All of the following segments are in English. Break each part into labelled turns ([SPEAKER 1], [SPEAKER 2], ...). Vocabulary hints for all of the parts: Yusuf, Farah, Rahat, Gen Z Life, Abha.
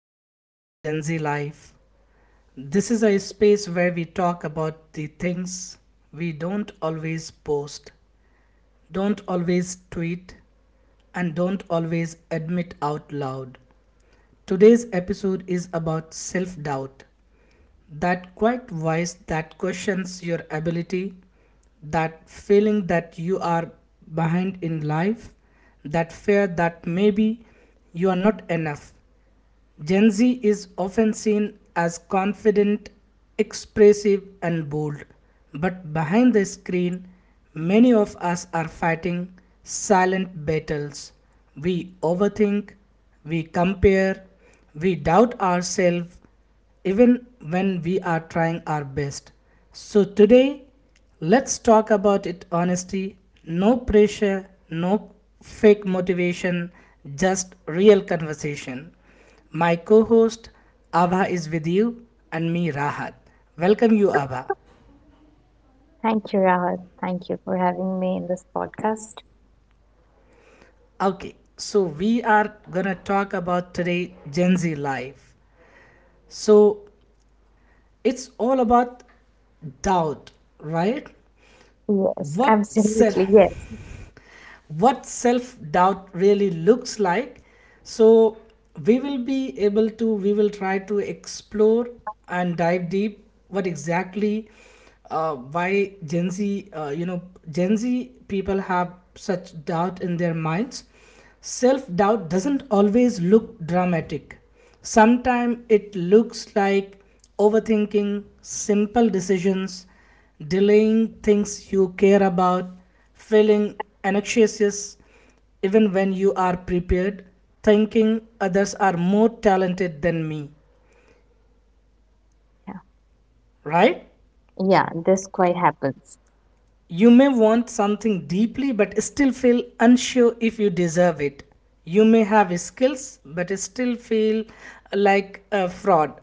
[SPEAKER 1] Welcome to Gen Z Life. This is a space where we talk about the things we don't always post, don't always tweet, and don't always admit out loud. Today's episode is about self doubt, that quiet voice that questions your ability, that feeling that you are behind in life, that fear that maybe you are not enough. Gen Z is often seen as confident, expressive, and bold, but behind the screen, many of us are fighting silent battles. We overthink, we compare, we doubt ourselves, even when we are trying our best. So, today, let's talk about it honesty, no pressure, no fake motivation, just real conversation. My co host Abha is with you and me, Rahat. Welcome you, Abha.
[SPEAKER 2] Thank you, Rahat. Thank you for having me in this podcast.
[SPEAKER 1] Okay, so we are gonna talk about today Gen Z life. So, it's all about doubt, right?
[SPEAKER 2] Yes,
[SPEAKER 1] What self?
[SPEAKER 2] absolutely. Yes.
[SPEAKER 1] What self doubt really looks like, so we will try to explore and dive deep what exactly, why Gen Z, Gen Z people have such doubt in their minds. Self doubt doesn't always look dramatic. Sometimes it looks like overthinking simple decisions, delaying things you care about, feeling anxious even when you are prepared, thinking others are more talented than me,
[SPEAKER 2] Yeah.
[SPEAKER 1] right?
[SPEAKER 2] Yeah, this quite happens.
[SPEAKER 1] You may want something deeply but still feel unsure if you deserve it. You may have skills but still feel like a fraud.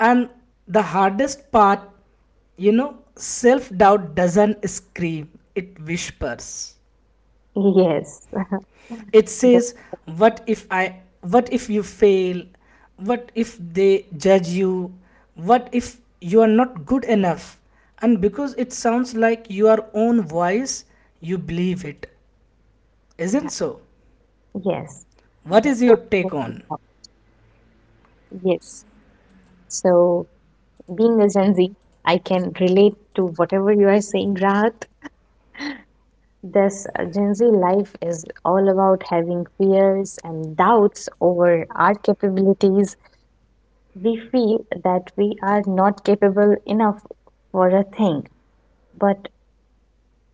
[SPEAKER 1] And the hardest part, you know, self doubt doesn't scream, it whispers.
[SPEAKER 2] Yes.
[SPEAKER 1] It
[SPEAKER 2] That,
[SPEAKER 1] says, "What if I? What if you fail? What if they judge you? What if you are not good enough?" And because it sounds like your own voice, you believe it. Isn't
[SPEAKER 2] yeah.
[SPEAKER 1] so?
[SPEAKER 2] Yes.
[SPEAKER 1] What is
[SPEAKER 2] This
[SPEAKER 1] your take
[SPEAKER 2] absolutely
[SPEAKER 1] on?
[SPEAKER 2] happens. Yes. So, being a Gen Z, I can relate to whatever you are saying, Rahat. This Gen Z life is all about having fears and doubts over our capabilities. We feel that we are not capable enough for a thing. But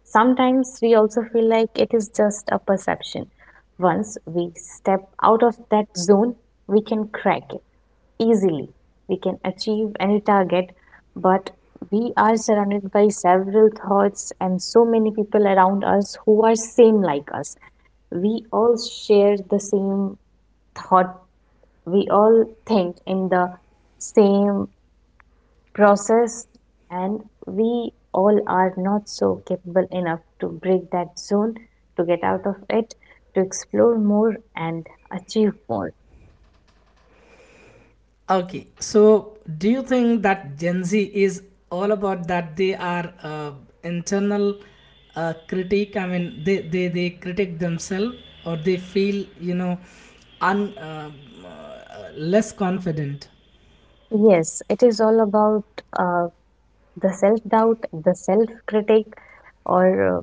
[SPEAKER 2] sometimes we also feel like it is just a perception. Once we step out of that zone, we can crack it easily. We can achieve any target, but we are surrounded by several thoughts and so many people around us who are same like us. We all share the same thought. We all think in the same processed and we all are not so capable enough to break that zone, to get out of it, to explore more and achieve more.
[SPEAKER 1] Okay, so do you think that Gen Z is all about that they are internal, critique? I mean, they critique themselves, or they feel, you know, un, uh, less confident.
[SPEAKER 2] Yes, it is all about uh, the self doubt, the self critic, or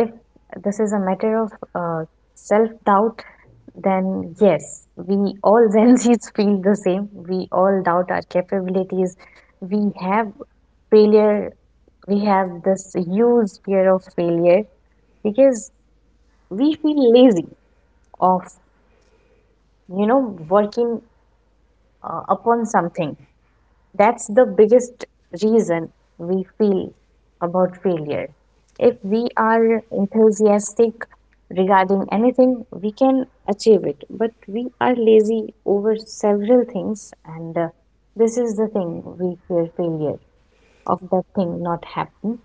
[SPEAKER 2] if this is a matter of self doubt, then yes, we all Gen Z's feel the same. We all doubt our capabilities. We have failure. We have this huge fear of failure because we feel lazy of, you know, working upon something. That's the biggest reason we feel about failure. If we are enthusiastic regarding anything, we can achieve it, but we are lazy over several things, and this is the thing, we fear failure of that thing not happen.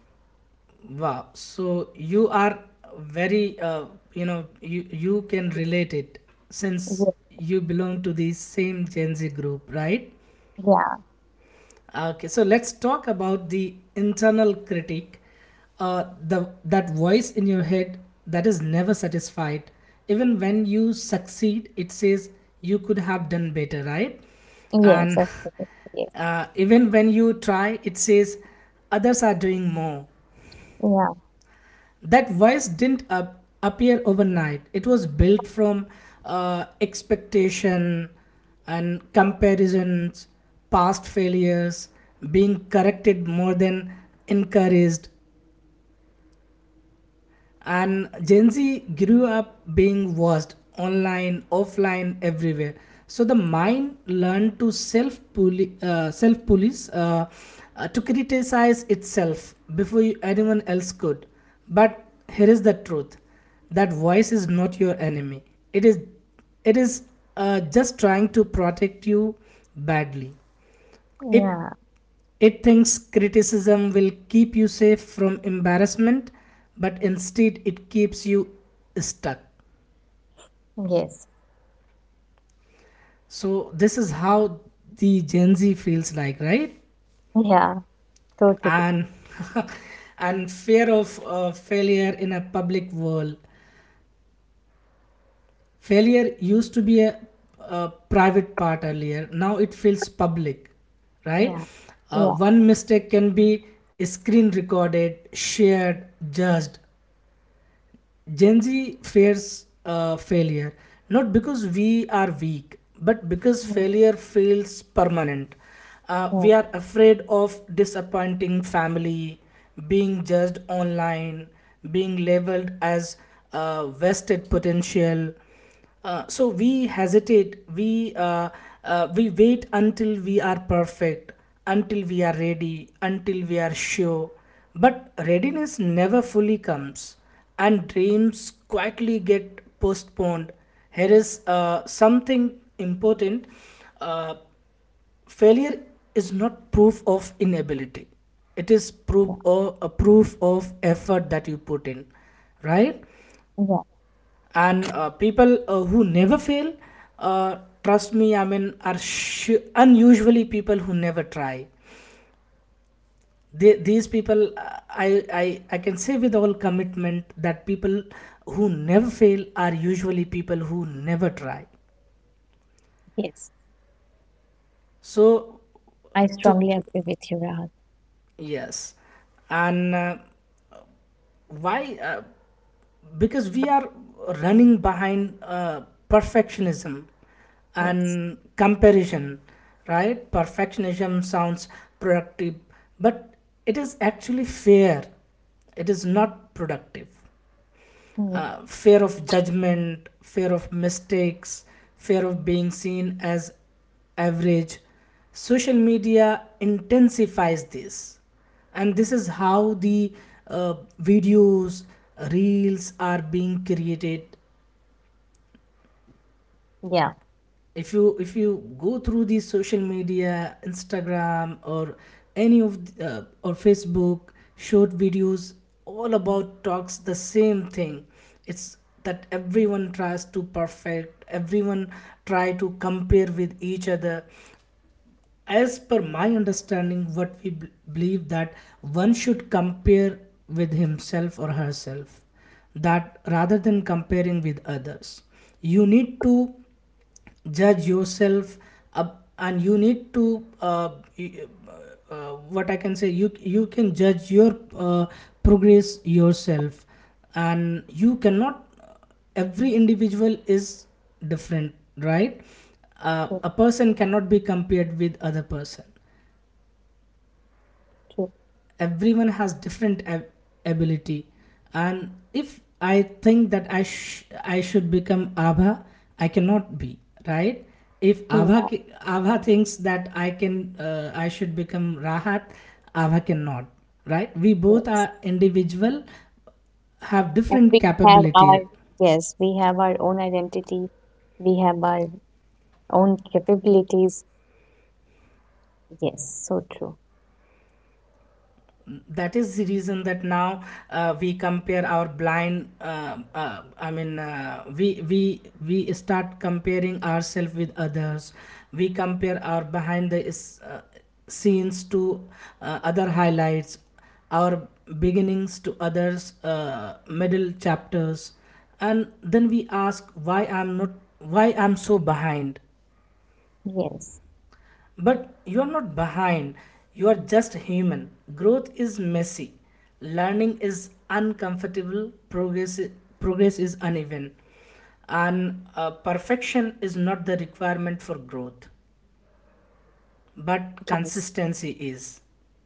[SPEAKER 1] Wow. So you are very, you know, you can relate it since
[SPEAKER 2] Yes.
[SPEAKER 1] you belong to the same Gen Z group, right?
[SPEAKER 2] Yeah.
[SPEAKER 1] Okay, so let's talk about the internal critic, the that voice in your head that is never satisfied. Even when you succeed, it says you could have done better, right?
[SPEAKER 2] Yes,
[SPEAKER 1] And
[SPEAKER 2] of course. Yes.
[SPEAKER 1] even when you try, it says others are doing more.
[SPEAKER 2] Yeah.
[SPEAKER 1] That voice didn't appear overnight. It was built from expectation and comparisons, past failures, being corrected more than encouraged. And Gen Z grew up being watched online, offline, everywhere, so the mind learned to self police, to criticize itself before anyone else could. But here is the truth: that voice is not your enemy. It is it is just trying to protect you badly. it
[SPEAKER 2] Yeah.
[SPEAKER 1] it thinks criticism will keep you safe from embarrassment, but instead it keeps you stuck.
[SPEAKER 2] Yes.
[SPEAKER 1] So, this is how the Gen Z feels like, right?
[SPEAKER 2] Yeah. Totally.
[SPEAKER 1] And and fear of failure in a public world. Failure used to be a private part earlier. Now it feels public, right?
[SPEAKER 2] Yeah. Yeah.
[SPEAKER 1] One mistake can be screen recorded, shared, judged. Gen Z fears failure not because we are weak, but because
[SPEAKER 2] Yeah.
[SPEAKER 1] failure feels permanent.
[SPEAKER 2] Yeah.
[SPEAKER 1] We are afraid of disappointing family, being judged online, being labeled as wasted potential. So we hesitate, we wait until we are perfect, until we are ready, until we are sure, but readiness never fully comes, and dreams quietly get postponed. Here is something important. Uh, failure is not proof of inability, it is proof,
[SPEAKER 2] Yeah.
[SPEAKER 1] or a proof of effort that you put in, right?
[SPEAKER 2] Yeah.
[SPEAKER 1] And people who never fail, uh, trust me, I mean, are unusually people who never try. They, these people, I can say with all commitment that people who never fail are usually people who never try.
[SPEAKER 2] Yes.
[SPEAKER 1] So
[SPEAKER 2] I
[SPEAKER 1] to,
[SPEAKER 2] strongly agree with you, Rahat.
[SPEAKER 1] yes, and why because we are running behind perfectionism
[SPEAKER 2] Yes.
[SPEAKER 1] and comparison, right? Perfectionism sounds productive, but it is actually fair, it is not productive.
[SPEAKER 2] Mm.
[SPEAKER 1] Uh, fear of judgment, fear of mistakes, fear of being seen as average. Social media intensifies this, and this is how the uh, videos, reels are being created.
[SPEAKER 2] Yeah.
[SPEAKER 1] If you go through these social media, Instagram, or any of or Facebook short videos, all about talks the same thing. It's that everyone tries to perfect, everyone try to compare with each other. As per my understanding what believe, that one should compare with himself or herself, that rather than comparing with others, you need to judge yourself up, and you need to, y- what I can say, you can judge your progress yourself. And you cannot, every individual is different, right? Uh,
[SPEAKER 2] True.
[SPEAKER 1] a person cannot be compared with other person.
[SPEAKER 2] True.
[SPEAKER 1] Everyone has different ability. And if I think that I should become Abha, I cannot be, right? If
[SPEAKER 2] Yeah.
[SPEAKER 1] Abha thinks that I should become Rahat, Abha cannot, right? We both are
[SPEAKER 2] Yes.
[SPEAKER 1] individual, have
[SPEAKER 2] And
[SPEAKER 1] different
[SPEAKER 2] we have our,
[SPEAKER 1] capability.
[SPEAKER 2] yes, we have our own identity. We have our own capabilities. Yes. So true.
[SPEAKER 1] That is the reason that now, we compare our blind I mean we start comparing ourselves with others. We compare our scenes to other highlights, our beginnings to others' middle chapters, and then we ask, why I'm not, why I'm so behind?
[SPEAKER 2] Yes.
[SPEAKER 1] But you are not behind, you are just human. Growth is messy, learning is uncomfortable, progress is uneven, and perfection is not the requirement for growth, but
[SPEAKER 2] Yes.
[SPEAKER 1] consistency is.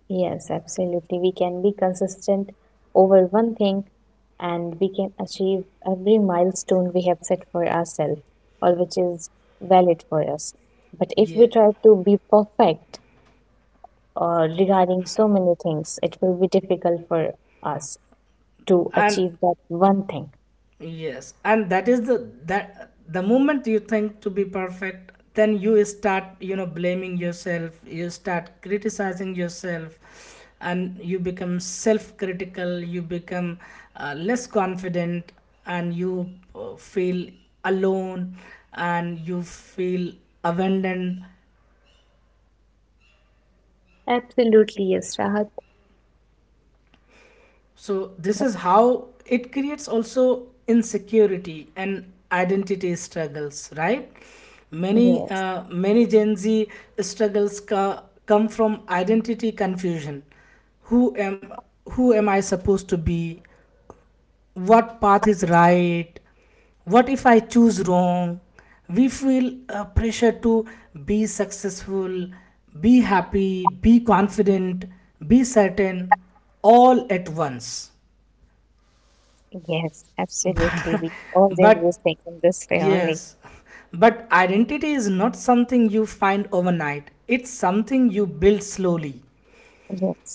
[SPEAKER 2] Yes, absolutely. We can be consistent over one thing and we can achieve every milestone we have set for ourselves or which is valid for us. But if we
[SPEAKER 1] Yeah,
[SPEAKER 2] try to be perfect regarding so many things, it will be difficult for us to
[SPEAKER 1] and
[SPEAKER 2] achieve that one thing.
[SPEAKER 1] yes, and that is the, that the moment you think to be perfect, then you start, you know, blaming yourself, you start criticizing yourself, and you become self-critical. You become less confident, and you feel alone, and you feel abandoned.
[SPEAKER 2] Absolutely, yes, Rahat.
[SPEAKER 1] So
[SPEAKER 2] But
[SPEAKER 1] this is how it creates also insecurity and identity struggles, right? Many,
[SPEAKER 2] yes,
[SPEAKER 1] many Gen Z struggles come from identity confusion. Who am who am I supposed to be? What path is right? What if I choose wrong? We feel a pressure to be successful, be happy, be confident, be certain, all at once.
[SPEAKER 2] yes, absolutely. We always
[SPEAKER 1] But
[SPEAKER 2] think in this way only.
[SPEAKER 1] yes, but identity is not something you find overnight. It's something you build slowly.
[SPEAKER 2] Yes,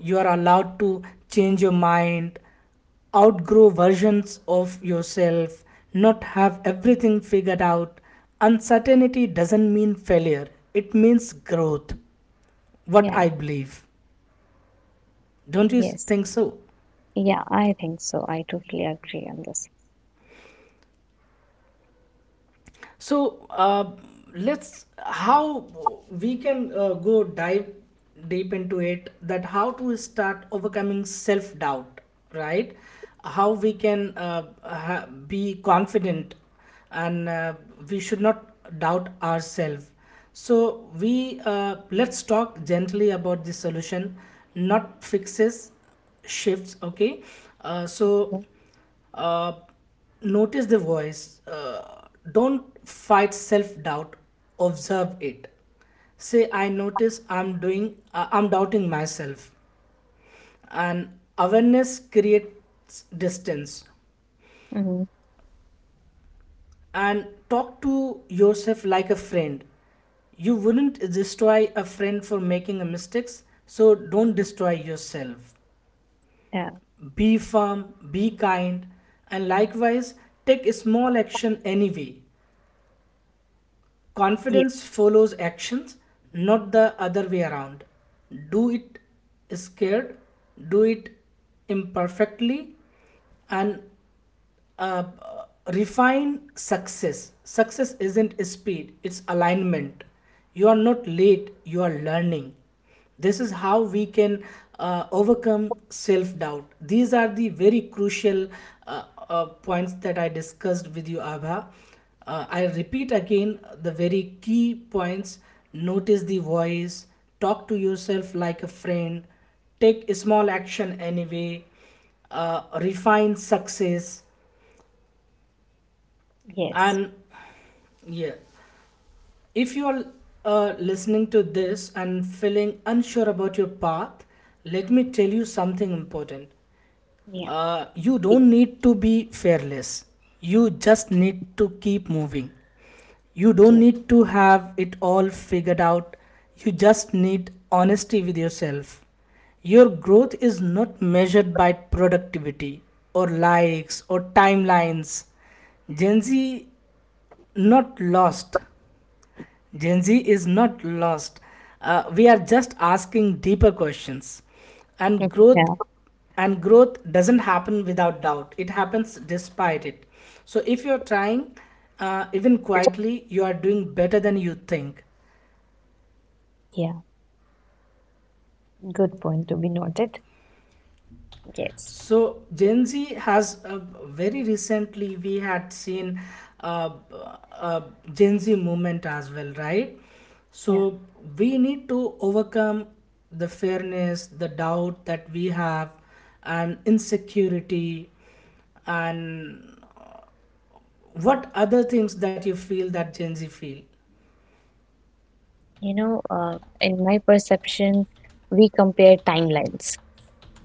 [SPEAKER 1] You are allowed to change your mind, outgrow versions of yourself, not have everything figured out. Uncertainty doesn't mean failure, it means growth. What
[SPEAKER 2] yeah,
[SPEAKER 1] I believe. Don't you
[SPEAKER 2] yes.
[SPEAKER 1] think so?
[SPEAKER 2] Yeah, I think so. I totally agree on this.
[SPEAKER 1] So let's how we can, go dive deep into it, that how to start overcoming self doubt, right? How we can, be confident, and we should not doubt ourselves. So we let's talk gently about the solution, not fixes, shifts. Okay, uh, so
[SPEAKER 2] Yeah.
[SPEAKER 1] uh, notice the voice. Don't fight self doubt. Observe it. Say, I notice I'm doing, I'm doubting myself. And awareness creates distance.
[SPEAKER 2] Hmm.
[SPEAKER 1] And talk to yourself like a friend. You wouldn't destroy a friend for making a mistakes, so don't destroy yourself.
[SPEAKER 2] Yeah.
[SPEAKER 1] Be firm, be kind, and likewise take a small action anyway. Confidence
[SPEAKER 2] Yes,
[SPEAKER 1] follows actions, not the other way around. Do it scared, do it imperfectly, and uh, refine success. Success isn't speed, it's alignment. You are not late, you are learning. This is how we can overcome self doubt. These are the very crucial uh, points that I discussed with you, Abha. I repeat again the very key points. Notice the voice, talk to yourself like a friend, take a small action anyway, refine success,
[SPEAKER 2] yes,
[SPEAKER 1] and yeah, if you're listening to this and feeling unsure about your path, let me tell you something important.
[SPEAKER 2] yeah,
[SPEAKER 1] You
[SPEAKER 2] see,
[SPEAKER 1] don't need to be fearless, you just need to keep moving. You don't
[SPEAKER 2] yeah.
[SPEAKER 1] need to have it all figured out, you just need honesty with yourself. Your growth is not measured by productivity, or likes, or timelines. Gen Z not lost, Gen Z is not lost. We are just asking deeper questions, and growth,
[SPEAKER 2] Yeah.
[SPEAKER 1] and growth doesn't happen without doubt. It happens despite it. So if you're trying, even quietly, you are doing better than you think.
[SPEAKER 2] Yeah, good point to be noted. Yes.
[SPEAKER 1] So Gen Z has, very recently we had seen uh, uh, Gen Z movement as well, right?
[SPEAKER 2] Yeah.
[SPEAKER 1] So we need to overcome the fairness, the doubt that we have, and insecurity, and what other things that you feel that Gen Z feel.
[SPEAKER 2] You know, in my perception, we compare timelines,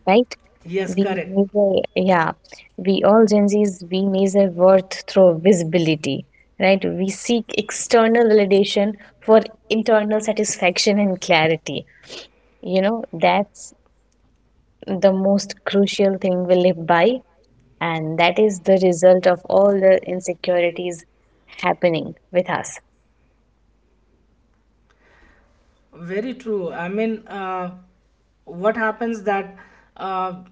[SPEAKER 2] right?
[SPEAKER 1] Yes,
[SPEAKER 2] We
[SPEAKER 1] correct.
[SPEAKER 2] measure, yeah, we all Gen Zs, we measure worth through visibility, right? We seek external validation for internal satisfaction and clarity. You know, that's the most crucial thing we live by, and that is the result of all the insecurities happening with us.
[SPEAKER 1] Very true. I mean, what happens that, uh,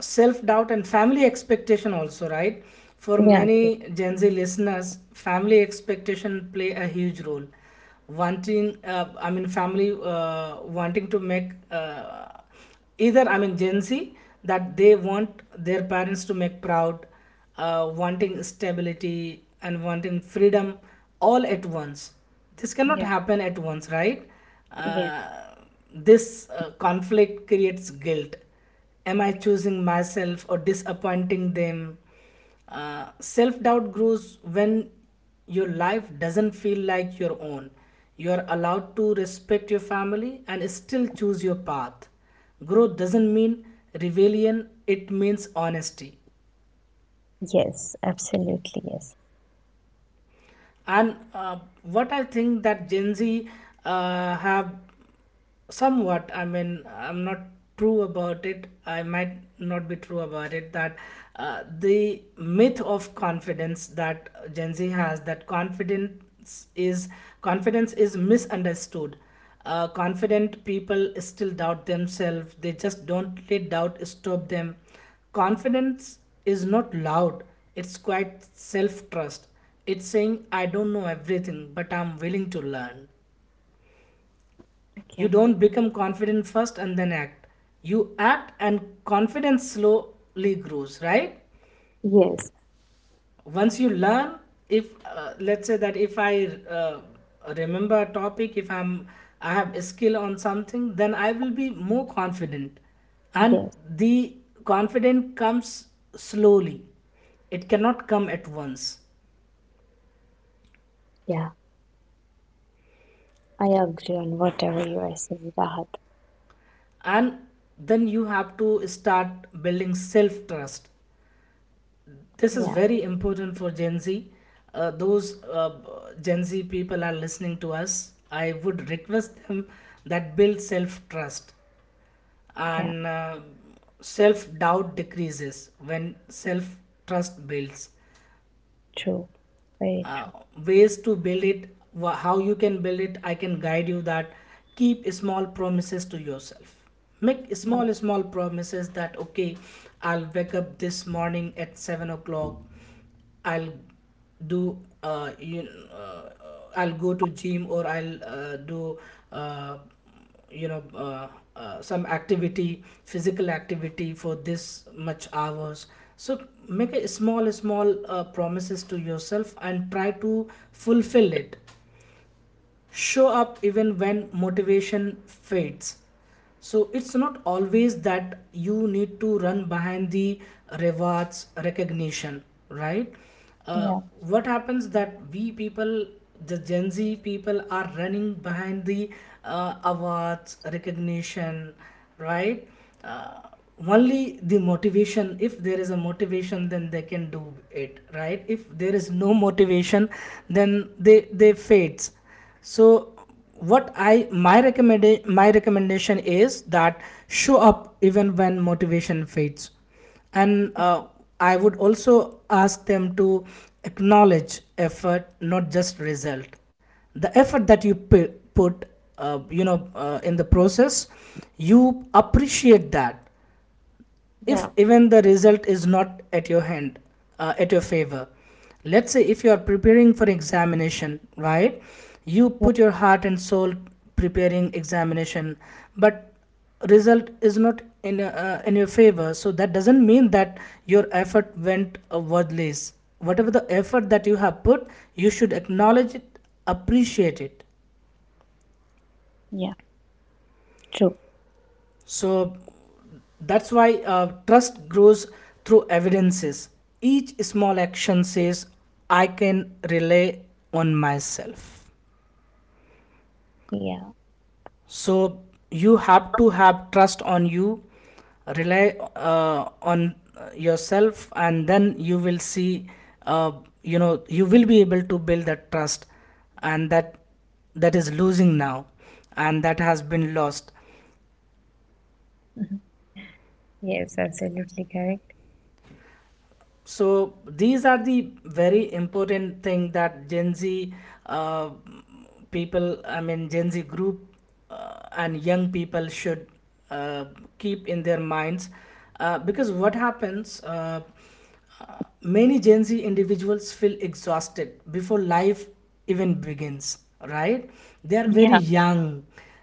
[SPEAKER 1] self-doubt and family expectation also, right? For
[SPEAKER 2] Yeah, okay.
[SPEAKER 1] many Gen Z listeners, family expectation play a huge role. Wanting, family wanting to make either I mean Gen Z, that they want their parents to make proud, wanting stability and wanting freedom all at once. This cannot
[SPEAKER 2] Yeah,
[SPEAKER 1] happen at once, right?
[SPEAKER 2] yeah.
[SPEAKER 1] Uh, this uh, conflict creates guilt. Am I choosing myself or disappointing them? Self doubt grows when your life doesn't feel like your own. You're allowed to respect your family and still choose your path. Growth doesn't mean rebellion, it means honesty.
[SPEAKER 2] Yes, absolutely, yes.
[SPEAKER 1] And what I think that Gen Z have somewhat, I'm not true about it, I might not be true about it, that the myth of confidence, that Gen Z has that confidence is, confidence is misunderstood. Confident people still doubt themselves, they just don't let doubt stop them. Confidence is not loud, it's quite self-trust. It's saying I don't know everything, but I'm willing to learn. You
[SPEAKER 2] Okay.
[SPEAKER 1] don't become confident first and then act. You act and confidence slowly grows, right?
[SPEAKER 2] Yes,
[SPEAKER 1] Once you learn, if let's say that if I remember a topic, if I'm I have a skill on something, then I will be more confident, and
[SPEAKER 2] yes,
[SPEAKER 1] the confidence comes slowly. It cannot come at once,
[SPEAKER 2] yeah. I agree on whatever you are saying, Rahat.
[SPEAKER 1] and then you have to start building self trust. This is
[SPEAKER 2] Yeah,
[SPEAKER 1] very important for Gen Z. Those Gen Z people are listening to us. I would request them that build self trust,
[SPEAKER 2] yeah.
[SPEAKER 1] and self doubt decreases when self trust builds.
[SPEAKER 2] True. Very true.
[SPEAKER 1] Uh, Ways to build it, how you can build it, I can guide you that keep small promises to yourself. Make small small promises, that okay, I'll wake up this morning at 7 o'clock. I'll do you uh, I'll go to gym, or I'll do uh, you know uh, some activity, physical activity, for this much hours. So make a small small promises to yourself and try to fulfill it. Show up even when motivation fades. So it's not always that you need to run behind the rewards recognition, right? Uh,
[SPEAKER 2] Yeah.
[SPEAKER 1] what happens that we people, the Gen Z people, are running behind the awards recognition, right? Uh, Only the motivation. If there is a motivation, then they can do it, right? If there is no motivation, then they fades. So what I my recommend my recommendation is that show up even when motivation fades. And I would also ask them to acknowledge effort, not just result. The effort that you put in the process, you appreciate that
[SPEAKER 2] Yeah.
[SPEAKER 1] if even the result is not at your hand, at your favor. Let's say if you are preparing for examination, right? You
[SPEAKER 2] Yeah,
[SPEAKER 1] put your heart and soul preparing examination, but result is not in your favor, so that doesn't mean that your effort went worthless. Whatever the effort that you have put, you should acknowledge it, appreciate it.
[SPEAKER 2] yeah, true.
[SPEAKER 1] So that's why trust grows through evidences. Each small action says, I can rely on myself.
[SPEAKER 2] Yeah.
[SPEAKER 1] So you have to have trust on you, rely on yourself, and then you will see, uh, you will be able to build that trust, and that is losing now, and that has been lost.
[SPEAKER 2] Mhm. Yes, absolutely correct.
[SPEAKER 1] So these are the very important thing that Gen Z uh, people I mean Gen Z group and young people should uh, keep in their minds, because what happens, uh, many Gen Z individuals feel exhausted before life even begins, right? They are very
[SPEAKER 2] Yeah.
[SPEAKER 1] young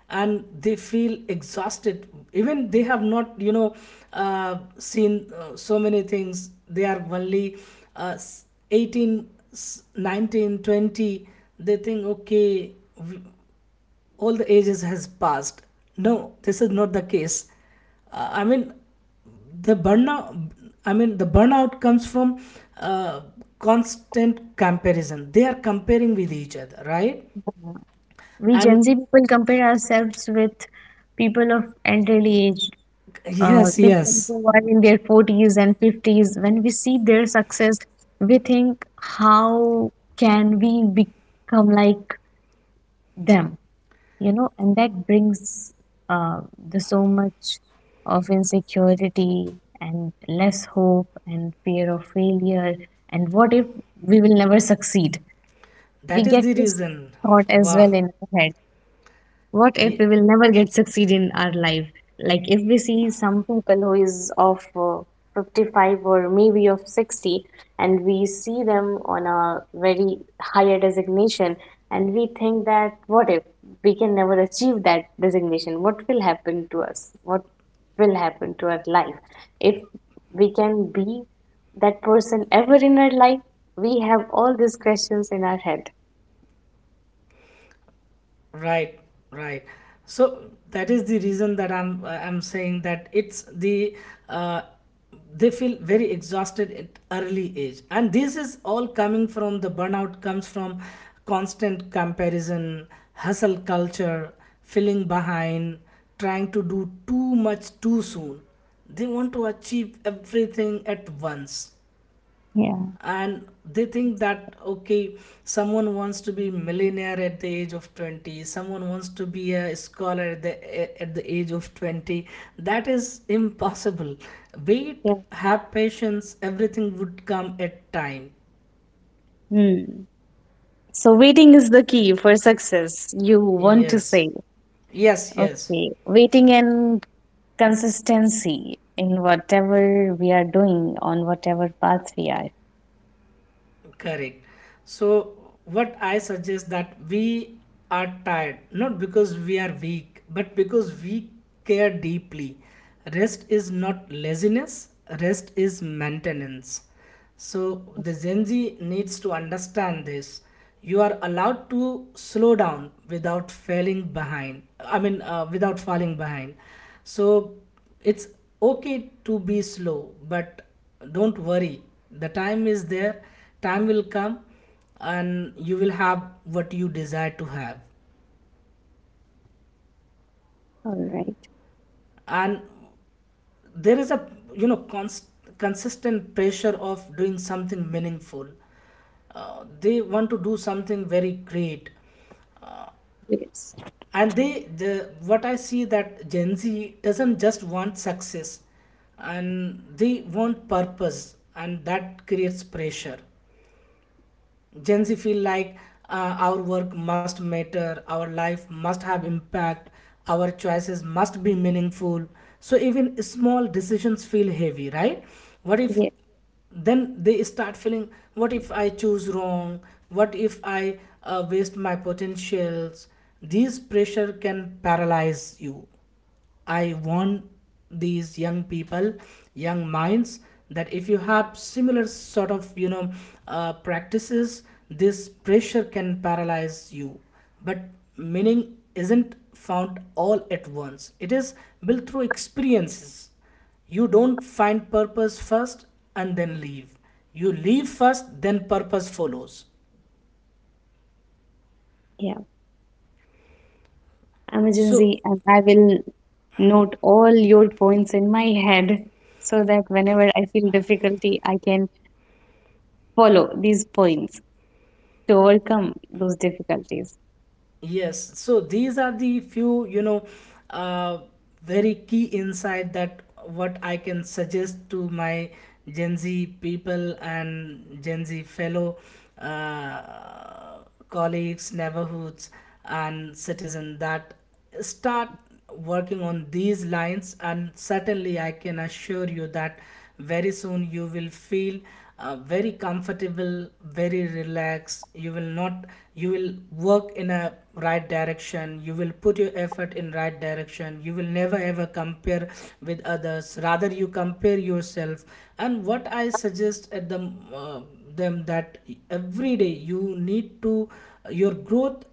[SPEAKER 1] and they feel exhausted. Even they have not, you know, seen so many things. They are only 18, 19, 20. They think, okay, all the ages has passed. No, this is not the case. I mean the burnout, I mean the burnout comes from uh, constant comparison, they are comparing with each other, right?
[SPEAKER 2] Yeah. We
[SPEAKER 1] And
[SPEAKER 2] Gen Z people compare ourselves with people of elderly age,
[SPEAKER 1] yes,
[SPEAKER 2] people
[SPEAKER 1] yes,
[SPEAKER 2] who are in their 40s and 50s. When we see their success, we think, how can we become like them? You know, and that brings uh, the so much of insecurity and less hope and fear of failure and what if we will never succeed. We
[SPEAKER 1] that is
[SPEAKER 2] get
[SPEAKER 1] the
[SPEAKER 2] this
[SPEAKER 1] reason,
[SPEAKER 2] thought as
[SPEAKER 1] wow.
[SPEAKER 2] well in our head, what if we will never get succeed in our life, like if we see some people who is of 55 or maybe of 60, and we see them on a very higher designation, and we think that what if we can never achieve that designation, what will happen to us, what will happen to our life, if we can be that person ever in our life. We have all these questions in our head.
[SPEAKER 1] Right, right. So that is the reason that I'm saying that it's the uh, they feel very exhausted at early age, and this is all coming from the burnout comes from constant comparison, hustle culture, feeling behind, trying to do too much too soon. They want to achieve everything at once,
[SPEAKER 2] Yeah.
[SPEAKER 1] and they think that okay, someone wants to be millionaire at the age of 20, someone wants to be a scholar at the age of 20. That is impossible. Wait,
[SPEAKER 2] Yeah.
[SPEAKER 1] have patience, everything would come at time.
[SPEAKER 2] Hmm. So waiting is the key for success, you want to
[SPEAKER 1] yes
[SPEAKER 2] say.
[SPEAKER 1] yes yes
[SPEAKER 2] Okay. Waiting and consistency in whatever we are doing, on whatever path we are.
[SPEAKER 1] Correct. So what I suggest that we are tired, not because we are weak, but because we care deeply. Rest is not laziness, rest is maintenance. So the Gen Z needs to understand this. You are allowed to slow down without falling behind. Without falling behind. So it's okay to be slow, but don't worry, the time is there, time will come, and you will have what you desire to have.
[SPEAKER 2] All right.
[SPEAKER 1] And there is a, you know cons- consistent pressure of doing something meaningful. They want to do something very great,
[SPEAKER 2] Yes.
[SPEAKER 1] and they the what I see that Gen Z doesn't just want success, and they want purpose, and that creates pressure. Gen Z feel like our work must matter, our life must have impact, our choices must be meaningful. So even small decisions feel heavy, right? What if,
[SPEAKER 2] Yeah.
[SPEAKER 1] then they start feeling, what if I choose wrong? What if I waste my potentials? These pressure can paralyze you. I warn these young people, young minds, that if you have similar sort of, you know, practices, this pressure can paralyze you. But meaning isn't found all at once. It is built through experiences. You don't find purpose first and then leave. You leave first, then purpose follows.
[SPEAKER 2] Yeah. I'm a Gen
[SPEAKER 1] So
[SPEAKER 2] Z and I will note all your points in my head so that whenever I feel difficulty, I can follow these points to overcome those difficulties.
[SPEAKER 1] yes, so these are the few, you know, uh, very key insight that what I can suggest to my Gen Z people and Gen Z fellow uh, colleagues, neighborhoods, and citizen, that start working on these lines, and certainly I can assure you that very soon you will feel very comfortable, very relaxed. You will not, you will work in a right direction, you will put your effort in right direction, you will never ever compare with others, rather you compare yourself. And what I suggest at the them that every day you need to, your growth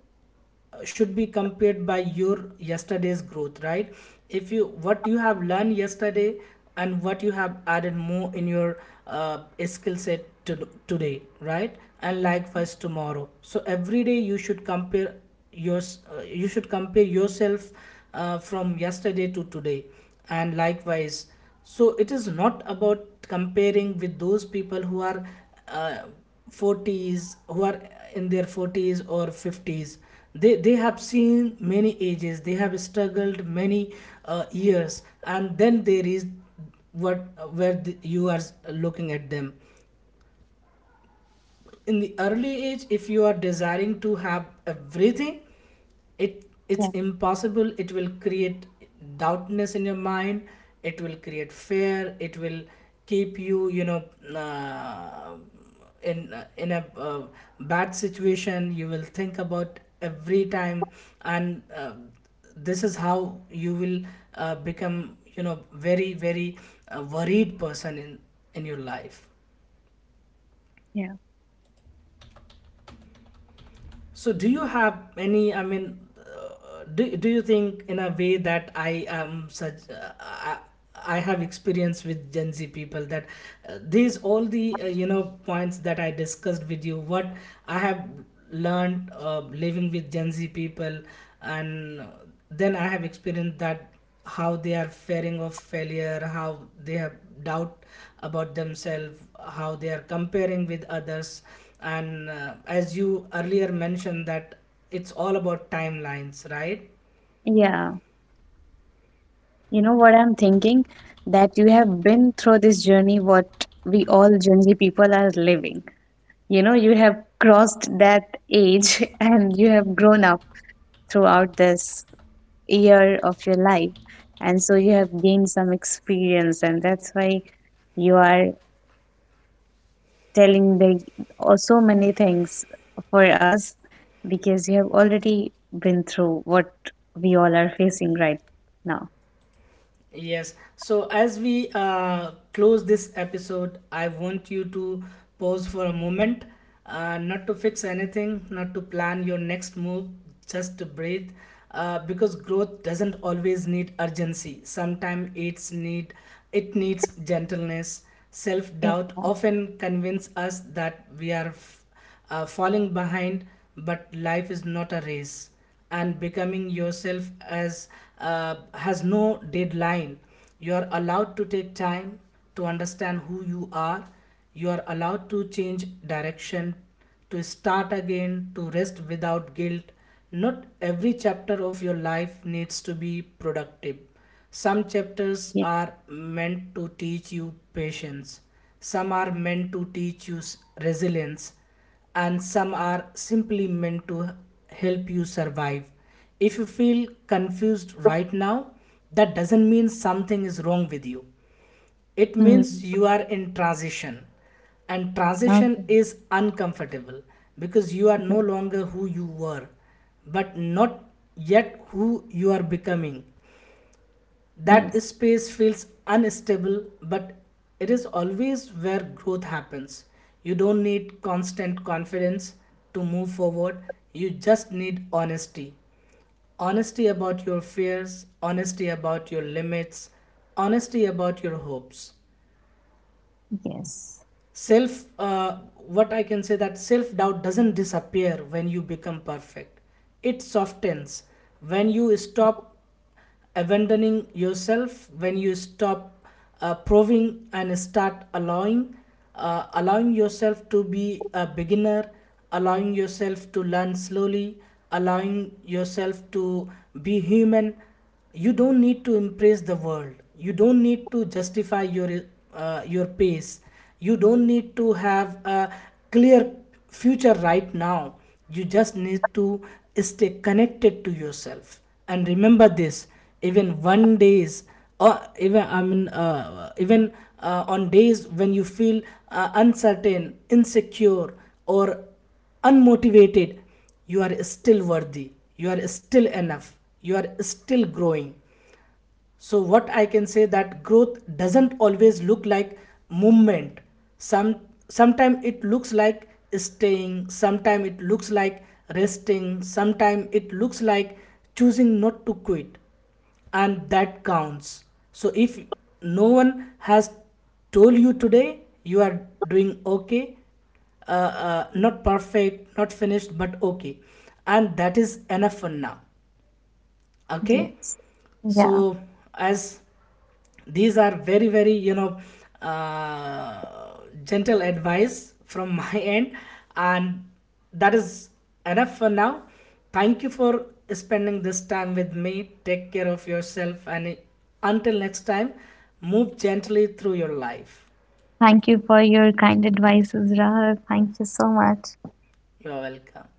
[SPEAKER 1] should be compared by your yesterday's growth, right? If you, what you have learned yesterday and what you have added more in your uh, skill set to, today, right? And likewise tomorrow. So every day you should compare your you should compare yourself from yesterday to today, and likewise. So it is not about comparing with those people who are uh, 40s who are in their 40s or 50s. They have seen many ages, they have struggled many years, and then there is what, where the, you are looking at them. In the early age, if you are desiring to have everything, it, it's
[SPEAKER 2] Yeah.
[SPEAKER 1] impossible. It will create doubtness in your mind, it will create fear, it will keep you, you know, uh, in a bad situation. You will think about every time, and this is how you will become, you know, very very worried person in your life.
[SPEAKER 2] Yeah.
[SPEAKER 1] So, do you have any? I mean, do you think in a way that I am such? I have experience with Gen Z people, that these all the you know points that I discussed with you. What I have learned living with Gen Z people, and then I have experienced that how they are fearing of failure, how they have doubt about themselves, how they are comparing with others. And as you earlier mentioned that it's all about timelines, right?
[SPEAKER 2] Yeah. You know what I'm thinking? That you have been through this journey, what we all Gen Z people are living. You know, you have crossed that age and you have grown up throughout this year of your life. And so you have gained some experience, and that's why you are telling the, oh, so many things for us because you have already been through what we all are facing right now.
[SPEAKER 1] Yes. So as we close this episode, I want you to pause for a moment, not to fix anything, not to plan your next move, just to breathe. Because growth doesn't always need urgency. Sometimes it's need it needs gentleness. Self
[SPEAKER 2] Yes.
[SPEAKER 1] doubt often convince us that we are falling behind, but life is not a race, and becoming yourself as has no deadline. You are allowed to take time to understand who you are. You are allowed to change direction, to start again, to rest without guilt. Not every chapter of your life needs to be productive. Some chapters
[SPEAKER 2] Yeah.
[SPEAKER 1] are meant to teach you patience, some are meant to teach you resilience, and some are simply meant to help you survive. If you feel confused right now, that doesn't mean something is wrong with you. It
[SPEAKER 2] Hmm.
[SPEAKER 1] means you are in transition, and transition
[SPEAKER 2] Okay.
[SPEAKER 1] is uncomfortable because you are no longer who you were, but not yet who you are becoming. That
[SPEAKER 2] Yes.
[SPEAKER 1] space feels unstable, but it is always where growth happens. You don't need constant confidence to move forward, you just need honesty. Honesty about your fears, honesty about your limits, honesty about your hopes.
[SPEAKER 2] Yes,
[SPEAKER 1] Self what I can say, that self doubt doesn't disappear when you become perfect. It softens when you stop abandoning yourself, when you stop proving and start allowing, allowing yourself to be a beginner, allowing yourself to learn slowly, allowing yourself to be human. You don't need to impress the world, you don't need to justify your pace, you don't need to have a clear future right now. You just need to stay connected to yourself, and remember this. Even one days, or even I mean even on days when you feel uncertain, insecure, or unmotivated, you are still worthy, you are still enough, you are still growing. So what I can say, that growth doesn't always look like movement. Some sometimes it looks like staying, sometimes it looks like resting, sometimes it looks like choosing not to quit. And that counts. So if no one has told you today, you are doing okay, not perfect, not finished, but okay, and that is enough for now, okay?
[SPEAKER 2] yes.
[SPEAKER 1] So
[SPEAKER 2] Yeah.
[SPEAKER 1] as these are very very, you know, uh, gentle advice from my end, and that is enough for now. Thank you for spending this time with me, take care of yourself, and until next time, move gently through your life.
[SPEAKER 2] Thank you for your kind advices, Rahul. Thank you so much.
[SPEAKER 1] You are welcome.